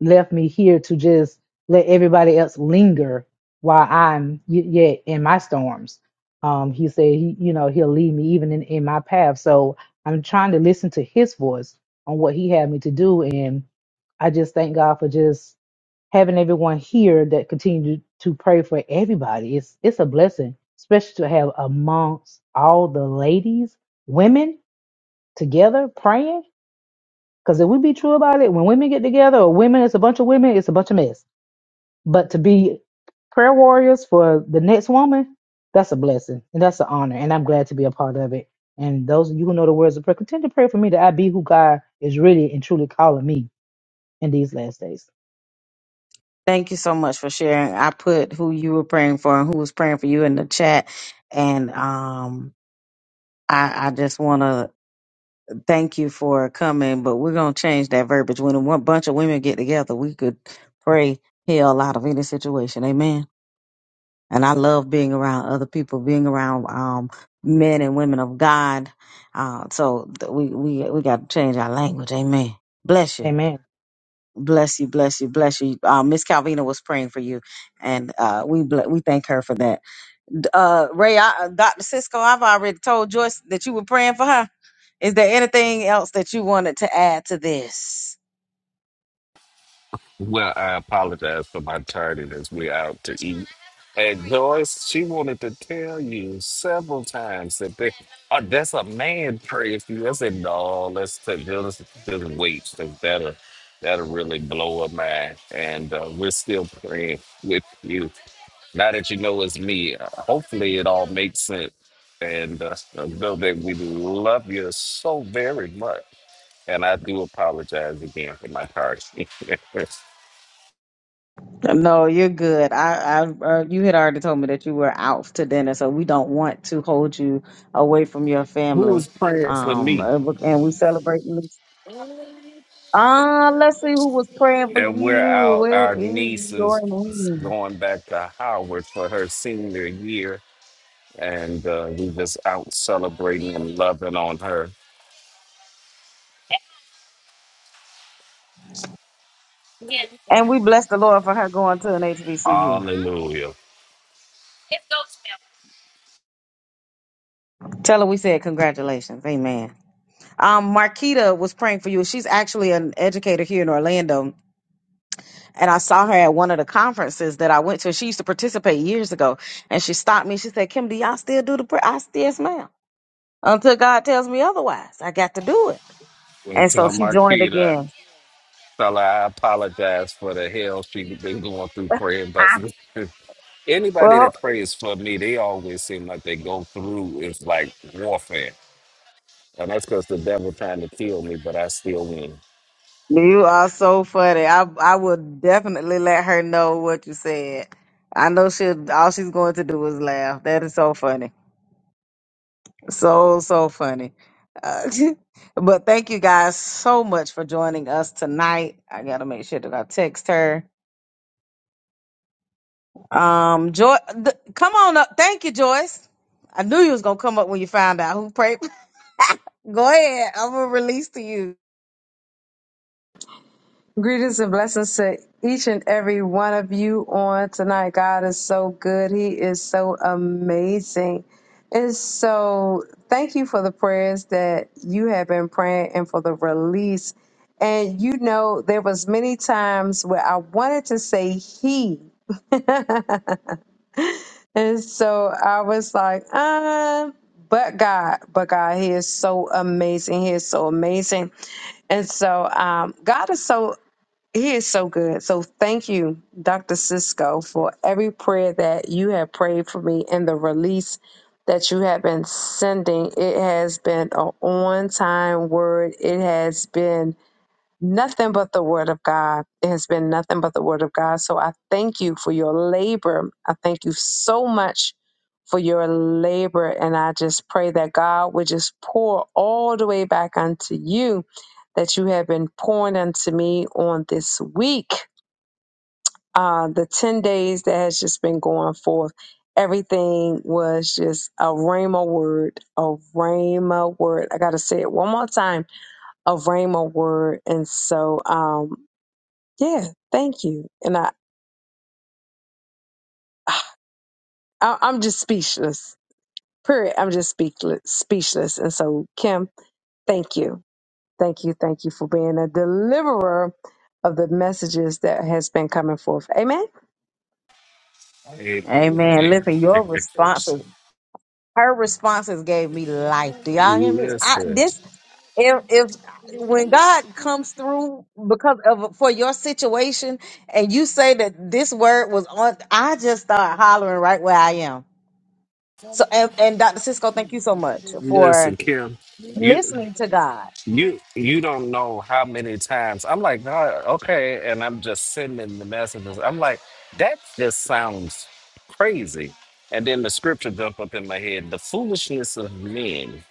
Speaker 11: left me here to just let everybody else linger while I'm y- yet in my storms. Um, he said, he, you know, he'll lead me even in, in my path. So I'm trying to listen to his voice on what he had me to do. And I just thank God for just having everyone here that continue to pray for everybody. It's, it's a blessing, especially to have amongst all the ladies, women together praying because if we be true about it, when women get together, or women, it's a bunch of women, it's a bunch of mess. But to be prayer warriors for the next woman, that's a blessing and that's an honor. And I'm glad to be a part of it. And those of you who know the words of prayer, continue to pray for me that I be who God is really and truly calling me in these last days.
Speaker 1: Thank you so much for sharing. I put who you were praying for and who was praying for you in the chat. And um, I, I just want to thank you for coming, but we're going to change that verbiage. When a one bunch of women get together, we could pray hell out of any situation. Amen. And I love being around other people, being around um, men and women of God. Uh, so th- we, we, we got to change our language. Amen. Bless you.
Speaker 11: Amen.
Speaker 1: Bless you, bless you, bless you. Uh, Miss Calvina was praying for you, and uh, we ble- we thank her for that. D- Uh, Ray, I, uh, Dr. Cisco, I've already told Joyce that you were praying for her. Is there anything else that you wanted to add to this?
Speaker 12: Well, I apologize for my tardiness. We're out to eat. And Joyce, she wanted to tell you several times that they, oh, that's a man praying for you. I said, no, let's t- just, just wait. 'cause That'll, that'll really blow her mind. And uh, we're still praying with you. Now that you know it's me, uh, hopefully it all makes sense. And uh, know that we love you so very much. And I do apologize again for my tardiness.
Speaker 1: No, you're good. I, I uh, you had already told me that you were out to dinner, so we don't want to hold you away from your
Speaker 12: Who is
Speaker 1: family.
Speaker 12: praying for
Speaker 1: Um,
Speaker 12: me?
Speaker 1: uh, and we celebrate. Ah, let's see who was praying for
Speaker 12: And we're
Speaker 1: you.
Speaker 12: out,
Speaker 1: Where
Speaker 12: our
Speaker 1: is
Speaker 12: niece
Speaker 1: your
Speaker 12: is
Speaker 1: name?
Speaker 12: going back to Howard for her senior year. And uh, we just out celebrating and loving on her.
Speaker 1: And we bless the Lord for her going to an HBCU.
Speaker 12: Hallelujah.
Speaker 1: Tell her we said congratulations. Amen. Um, Marquita was praying for you. She's actually an educator here in Orlando. And I saw her at one of the conferences that I went to. She used to participate years ago. And she stopped me. She said, Kim, do y'all still do the prayer? I said, yes, ma'am. Until God tells me otherwise, I got to do it.
Speaker 12: And
Speaker 1: And so
Speaker 12: tell
Speaker 1: she joined
Speaker 12: Marquita,
Speaker 1: again.
Speaker 12: fella, I apologize for the hell she's been going through praying. But
Speaker 1: Ah.
Speaker 12: anybody
Speaker 1: Well,
Speaker 12: that prays for me, they always seem like they go through. It's like warfare. And that's because the devil trying to kill me, but I still win.
Speaker 1: You are so funny. I I would definitely let her know what you said. I know she will all she's going to do is laugh. That is so funny. So so funny. Uh, but thank you guys so much for joining us tonight. I got to make sure that I text her. Um Joy th- come on up. Thank you, Joyce. I knew you was going to come up when you found out who prayed. Go ahead. I'm going to release to you.
Speaker 13: Greetings and blessings to each and every one of you on tonight. God is so good. He is so amazing. And so, thank you for the prayers that you have been praying and for the release. And you know, there was many times where I wanted to say he. and so I was like, um, but God, but God, He is so amazing. He is so amazing. And so um, God is so he is so good. So thank you, Dr. Cisco, for every prayer that you have prayed for me and the release that you have been sending. It has been an on time word. It has been Nothing but the word of God. It has been nothing but the word of God. So I thank you for your labor. I thank you so much for your labor. And I just pray that God would just pour all the way back unto you that you have been pouring unto me on this week. Uh, the 10 days that has just been going forth. Everything was just a rhema word, a rhema word. I got to say it one more time a rhema word. And so, um, yeah, thank you. And I, I I'm just speechless. Period. I'm just speechless, speechless. And so, Kim, thank you, thank you, thank you for being a deliverer of the messages that has been coming forth. Amen.
Speaker 12: Hey,
Speaker 1: Amen.
Speaker 12: listen,
Speaker 1: Listen, your responses her responses gave me life. Do y'all hear me? I,
Speaker 12: listen,
Speaker 1: this if if when God comes through because of for your situation and you say that this word was on, I just start hollering right where I am. So and, and Dr. Cisco, thank you so much for
Speaker 12: Kim. You,
Speaker 1: listening to God.
Speaker 12: you, you don't know how many times I'm like, "Nah, okay, and I'm just sending the messages. I'm like, that just sounds crazy. And then the scripture jumped up in my head: the foolishness of men.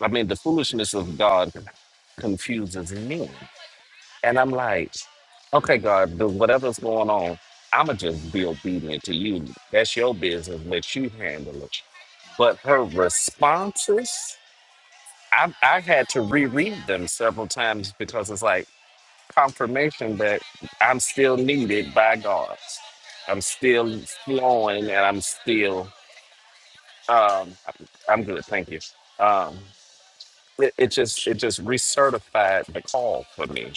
Speaker 12: I mean, the foolishness of God confuses men. And I'm like, okay, God, but whatever's going on, I'ma just be obedient to you. That's your business. Let you handle it. But her responses, I, I had to reread them several times because it's like confirmation that I'm still needed by God. I'm still flowing, and I'm still. Um, I'm good, thank you. Um, it, it just it just recertified the call for me.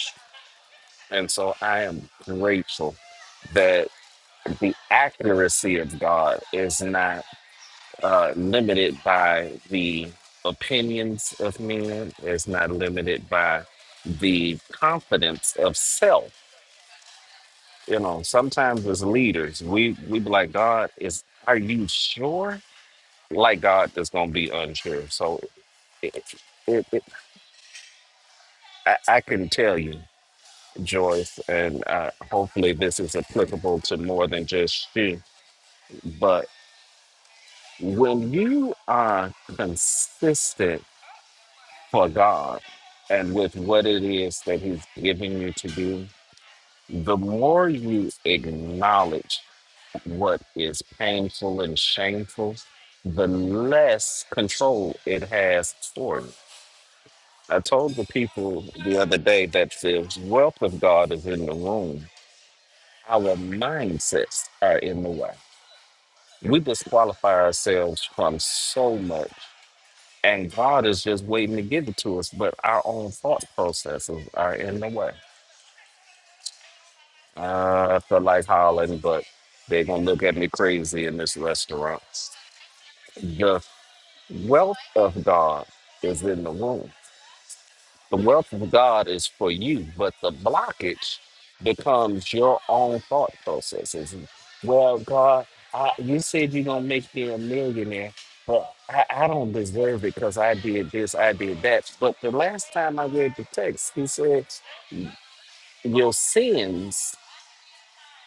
Speaker 12: And so I am grateful that the accuracy of God is not uh, limited by the opinions of men, it's not limited by the confidence of self. You know, sometimes as leaders, we, we be like, God, is are you sure? Like God is going to be unsure. So it, it, it, I, I can tell you, Joyce, and uh, hopefully this is applicable to more than just you But when you are consistent for God and with what it is that He's giving you to do, the more you acknowledge what is painful and shameful, the less control it has for you. I told the people the other day that the wealth of God is in the room. Our mindsets are in the way. We disqualify ourselves from so much And God is just waiting to give it to us, but our own thought processes are in the way. Uh, I feel like hollering, but they're going to look at me crazy in this restaurant. The wealth of God is in the womb. The wealth of God is for you, but the blockage becomes your own thought processes. Well, God, I, you said you're going to make me a millionaire, but I, I don't deserve it because I did this, I did that. But the last time I read the text, he said, Your sins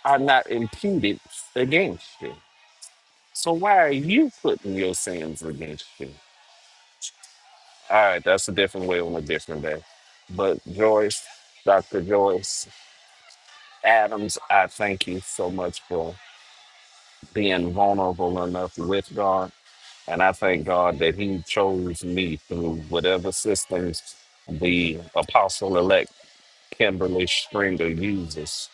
Speaker 12: are not imputed against you. So why are you putting your sins against you? All right, that's a different way on a different day. But Joyce, Dr. Joyce, Adams, I thank you so much for being vulnerable enough with God. And I thank God that He chose me through whatever systems the apostle elect Kimberly Stringer uses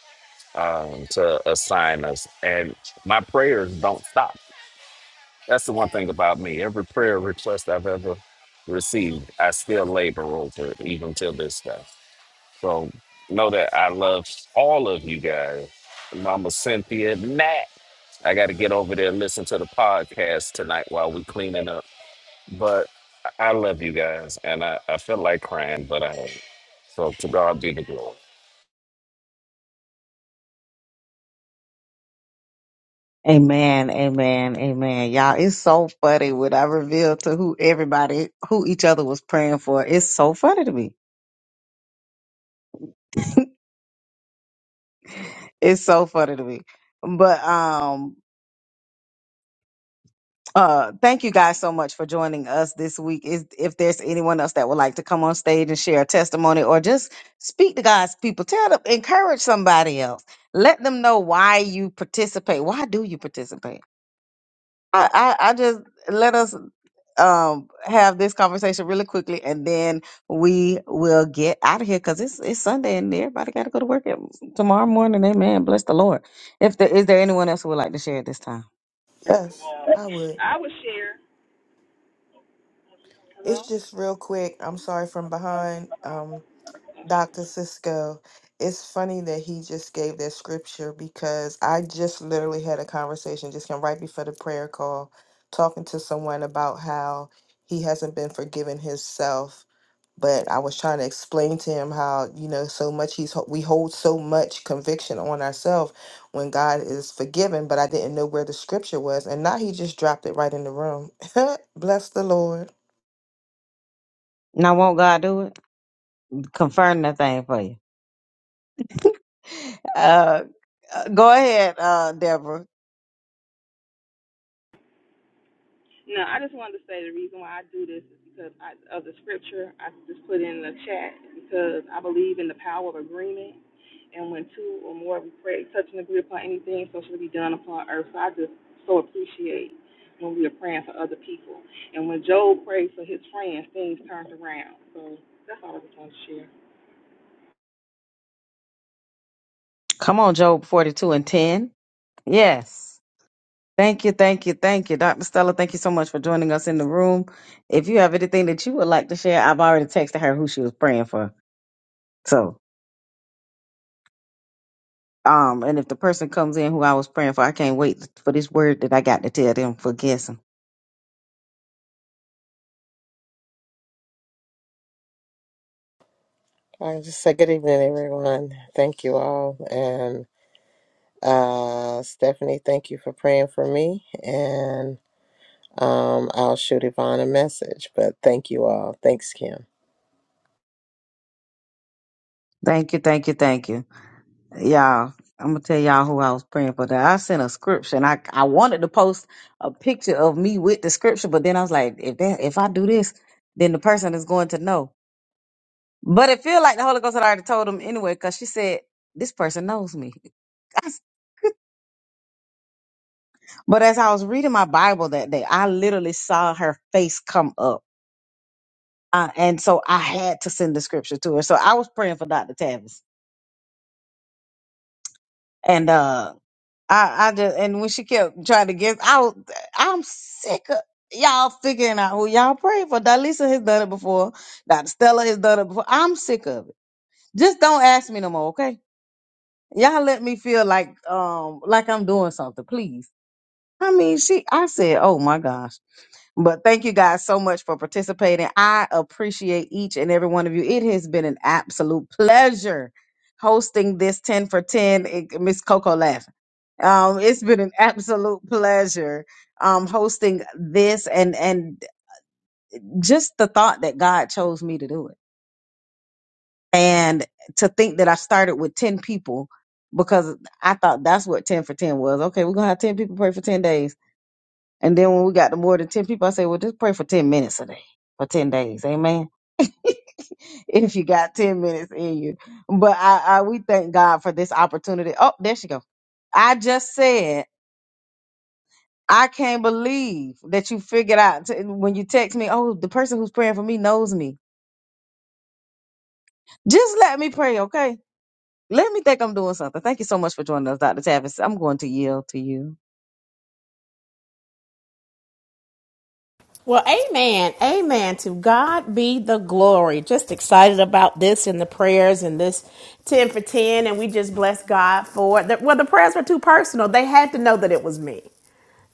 Speaker 12: um, to assign us. And my prayers don't stop. That's the one thing about me. Every prayer request I've ever received, I still labor over it, even till this day. So know that I love all of you guys. Mama Cynthia, Nat. I got to get over there and listen to the podcast tonight while we cleaning up. But I I love you guys, and I, I feel like crying, but I ain't. So to God be the glory.
Speaker 1: Amen, amen, amen. Y'all, it's so funny when I reveal to who everybody who each other was praying for. It's so funny to me. It's so funny to me. But um Uh, thank you guys so much for joining us this week. Is if there's anyone else that would like to come on stage and share a testimony or just speak to God's people, tell them, encourage somebody else. Let them know why you participate. Why do you participate? I, I, I just let us um have this conversation really quickly and then we will get out of here because it's it's Sunday and everybody gotta go to work at, tomorrow morning. Amen. Bless the Lord. If there is there anyone else who would like to share at this time?
Speaker 2: Yes, I would.
Speaker 8: I would share.
Speaker 2: It's
Speaker 8: Hello.
Speaker 2: just quick. I'm behind. Dr. Cisco, it's funny that he just gave that scripture because I just literally had a conversation just came right before the prayer call, talking to someone about how he hasn't been forgiving himself. But I was trying to explain to him how you know so much he's ho- we hold so much conviction on ourselves when God is forgiven, but I didn't know where the scripture was, and now he just dropped it right in the room. Bless the Lord.
Speaker 1: Now won't God do it? Confirm that thing for you. Uh uh, go ahead, uh Deborah.
Speaker 8: No, I just wanted to say the reason why I do this is because I, of the scripture I just put in the chat because I believe in the power of agreement. And when two or more we pray, touch and agree upon anything, so shall it be done upon earth. So I just so appreciate when we are praying for other people. And when Job prayed for his friends, things turned around. So that's all I just wanted to share.
Speaker 1: Come on, Job forty two and ten. Yes. Thank you, thank you, thank you. Dr. Stella, thank you so much for joining us in the room. If you have anything that you would like to share, I've already texted her who she was praying for. So, um, and if the person comes in who I was praying for, I can't wait for this word that I got to tell them for guessing.
Speaker 14: I just say good evening, everyone. Thank you all. And uh, Stephanie, thank you for praying for me. And um, I'll shoot Yvonne a message. But thank you all. Thanks, Kim.
Speaker 1: Thank you, thank you, thank you. Y'all, I'm gonna tell y'all who I was praying for. That I sent a scripture and I, I wanted to post a picture of me with the scripture, but then I was like, if that if I do this, then the person is going to know. But it feel like the Holy Ghost had already told him anyway, because she said, This person knows me. But as I was reading my Bible that day, I literally saw her face come up. Uh, and so I had to send the scripture to her. So I was praying for Dr. Tavis. And uh I, I just and when she kept trying to guess, I was I'm sick of y'all figuring out who y'all pray for. Dalisa has done it before, Dr. Stella has done it before. I'm sick of it. Just don't ask me no more, okay? Y'all let me feel like um like I'm doing something, please. I mean, she I said, "Oh my gosh." But thank you guys so much for participating. I appreciate each and every one of you. It has been an absolute pleasure hosting this 10 for 10 It- Miss Coco laughing. Um it's been an absolute pleasure um hosting this and and just the thought that God chose me to do it And to think that I started with 10 people because I thought that's what 10 for 10 was. Okay, we're going to have 10 people pray for 10 days. And then when we got to more than 10 people, I said, well, just pray for 10 minutes a day for 10 days. Amen. if you got 10 minutes in you. But I, I we thank God for this opportunity. Oh, there she go. I just said, I can't believe that you figured out t- when you text me, oh, the person who's praying for me knows me. Just let me pray, okay? Let me think I'm doing something. Thank you so much for joining us, Dr. Tavis. I'm going to yield to you.
Speaker 15: Well, amen. Amen. To God be the glory. Just excited about this and the prayers and this 10 for 10. And we just bless God for it. Well, the prayers were too personal. They had to know that it was me.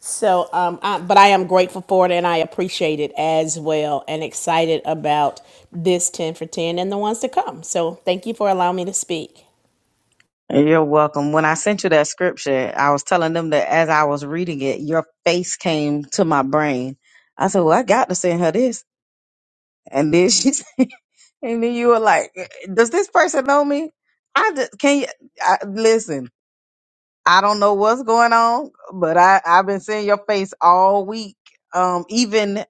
Speaker 15: So, um, I, but I am grateful for it and I appreciate it as well and excited about this 10 for 10 and the ones to come. So, thank you for allowing me to speak.
Speaker 1: You're welcome. When I sent you that scripture, I was telling them that as I was reading it, your face came to my brain. I said, Well, I got to send her this. And then she said, and then you were like, Does this person know me? I just can you I, listen, I don't know what's going on, but I, I've been seeing your face all week. Um, even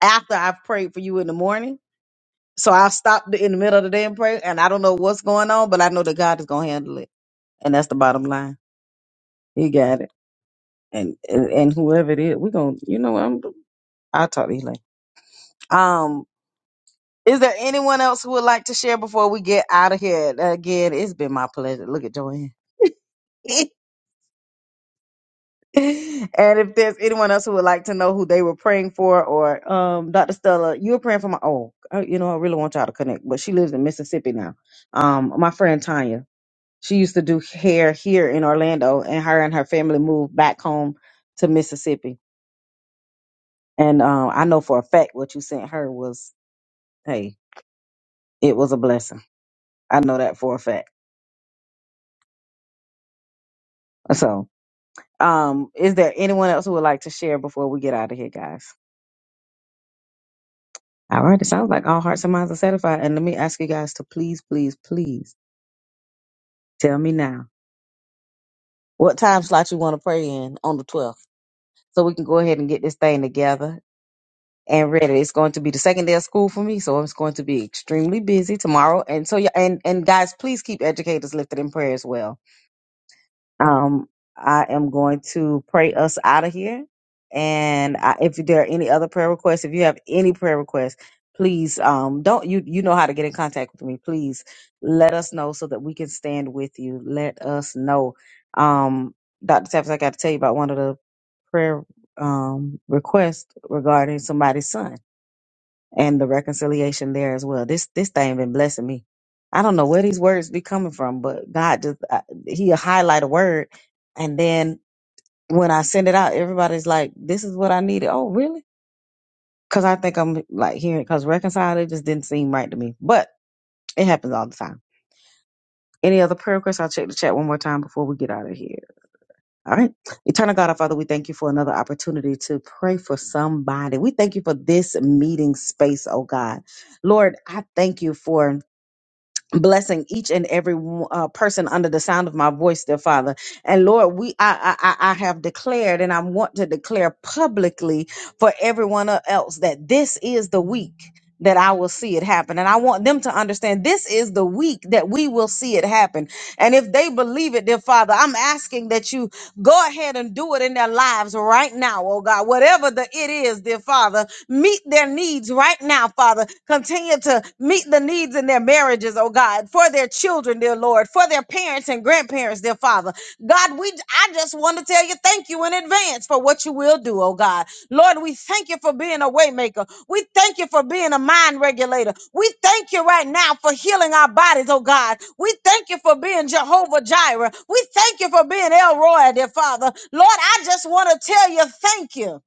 Speaker 1: after I've prayed for you in the morning. So I stopped in the middle of the day and pray, and I don't know what's going on, but I know that God is gonna handle it, and that's the bottom line. He got it, and and, and whoever it is, we're gonna, you know, what, I'm, I'll talk to you later. Um, is there anyone else who would like to share before we get out of here? Again, it's been my pleasure. Look at Joanne. and if there's anyone else who would like to know who they were praying for, or um, Dr. Stella, you were praying for my oh, uh, you know, I really want y'all to connect, but she lives in Mississippi now. Um, my friend Tanya. She used to do hair here in Orlando, and her and her family moved back home to Mississippi. And um, I know for a fact what you sent her was, hey, it was a blessing. I know that for a fact. So, um, is there anyone else who would like to share before we get out of here, guys? All right, it sounds like all hearts and minds are satisfied. And let me ask you guys to please, please, please tell me now what time slot you want to pray in on the 12th so we can go ahead and get this thing together and ready. It's going to be the second day of school for me, so it's going to be extremely busy tomorrow. And so, yeah, and and guys, please keep educators lifted in prayer as well. Um, I am going to pray us out of here. And I, if there are any other prayer requests, if you have any prayer requests, please um don't you you know how to get in contact with me. Please let us know so that we can stand with you. Let us know. Um, Dr. Tavis, I got to tell you about one of the prayer um request regarding somebody's son and the reconciliation there as well. This this thing been blessing me. I don't know where these words be coming from, but God just I, He highlight a word, and then when I send it out, everybody's like, "This is what I needed." Oh, really? Because I think I'm like hearing because reconcile it just didn't seem right to me, but it happens all the time. Any other prayer requests? I'll check the chat one more time before we get out of here. All right. Eternal God, our Father, we thank you for another opportunity to pray for somebody. We thank you for this meeting space, oh God. Lord, I thank you for blessing each and every uh, person under the sound of my voice dear father and lord we I, I i I have declared and i want to declare publicly for everyone else that this is the week that I will see it happen. And I want them to understand this is the week that we will see it happen. And if they believe it, dear Father, I'm asking that you Go ahead and do it in their lives right now, oh God. Whatever the it is, dear Father, meet their needs right now, Father. Continue to meet the needs in their marriages, oh God, for their children, dear Lord, for their parents and grandparents, dear Father. God, we I just want to tell you thank you in advance for what you will do, oh God. Lord, we thank you for being a waymaker. We thank you for being a mind regulator. We thank you right now for healing our bodies, oh God. We thank you for being Jehovah Jireh. We thank you for being El Roy, dear Father. Lord, I just want to tell you thank you.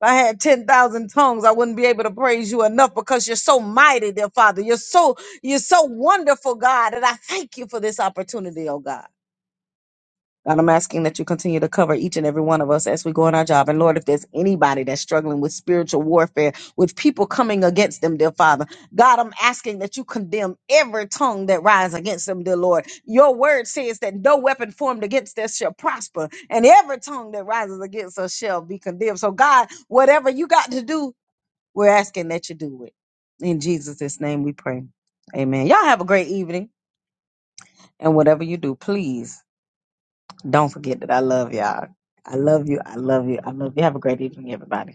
Speaker 1: If I had 10,000 tongues, I wouldn't be able to praise you enough because you're so mighty, dear Father. You're so you're so wonderful, God, and I thank you for this opportunity, oh God. God, I'm asking that you continue to cover each and every one of us as we go on our job. And Lord, if there's anybody that's struggling with spiritual warfare, with people coming against them, dear Father, God, I'm asking that you condemn every tongue that rise against them, dear Lord. Your word says that no weapon formed against us shall prosper, and every tongue that rises against us shall be condemned. So, God, whatever you got to do, we're asking that you do it. In Jesus' name we pray. Amen. Y'all have a great evening. And whatever you do, please don't forget that I love y'all. I love you. I love you. I love you. Have a great evening, everybody.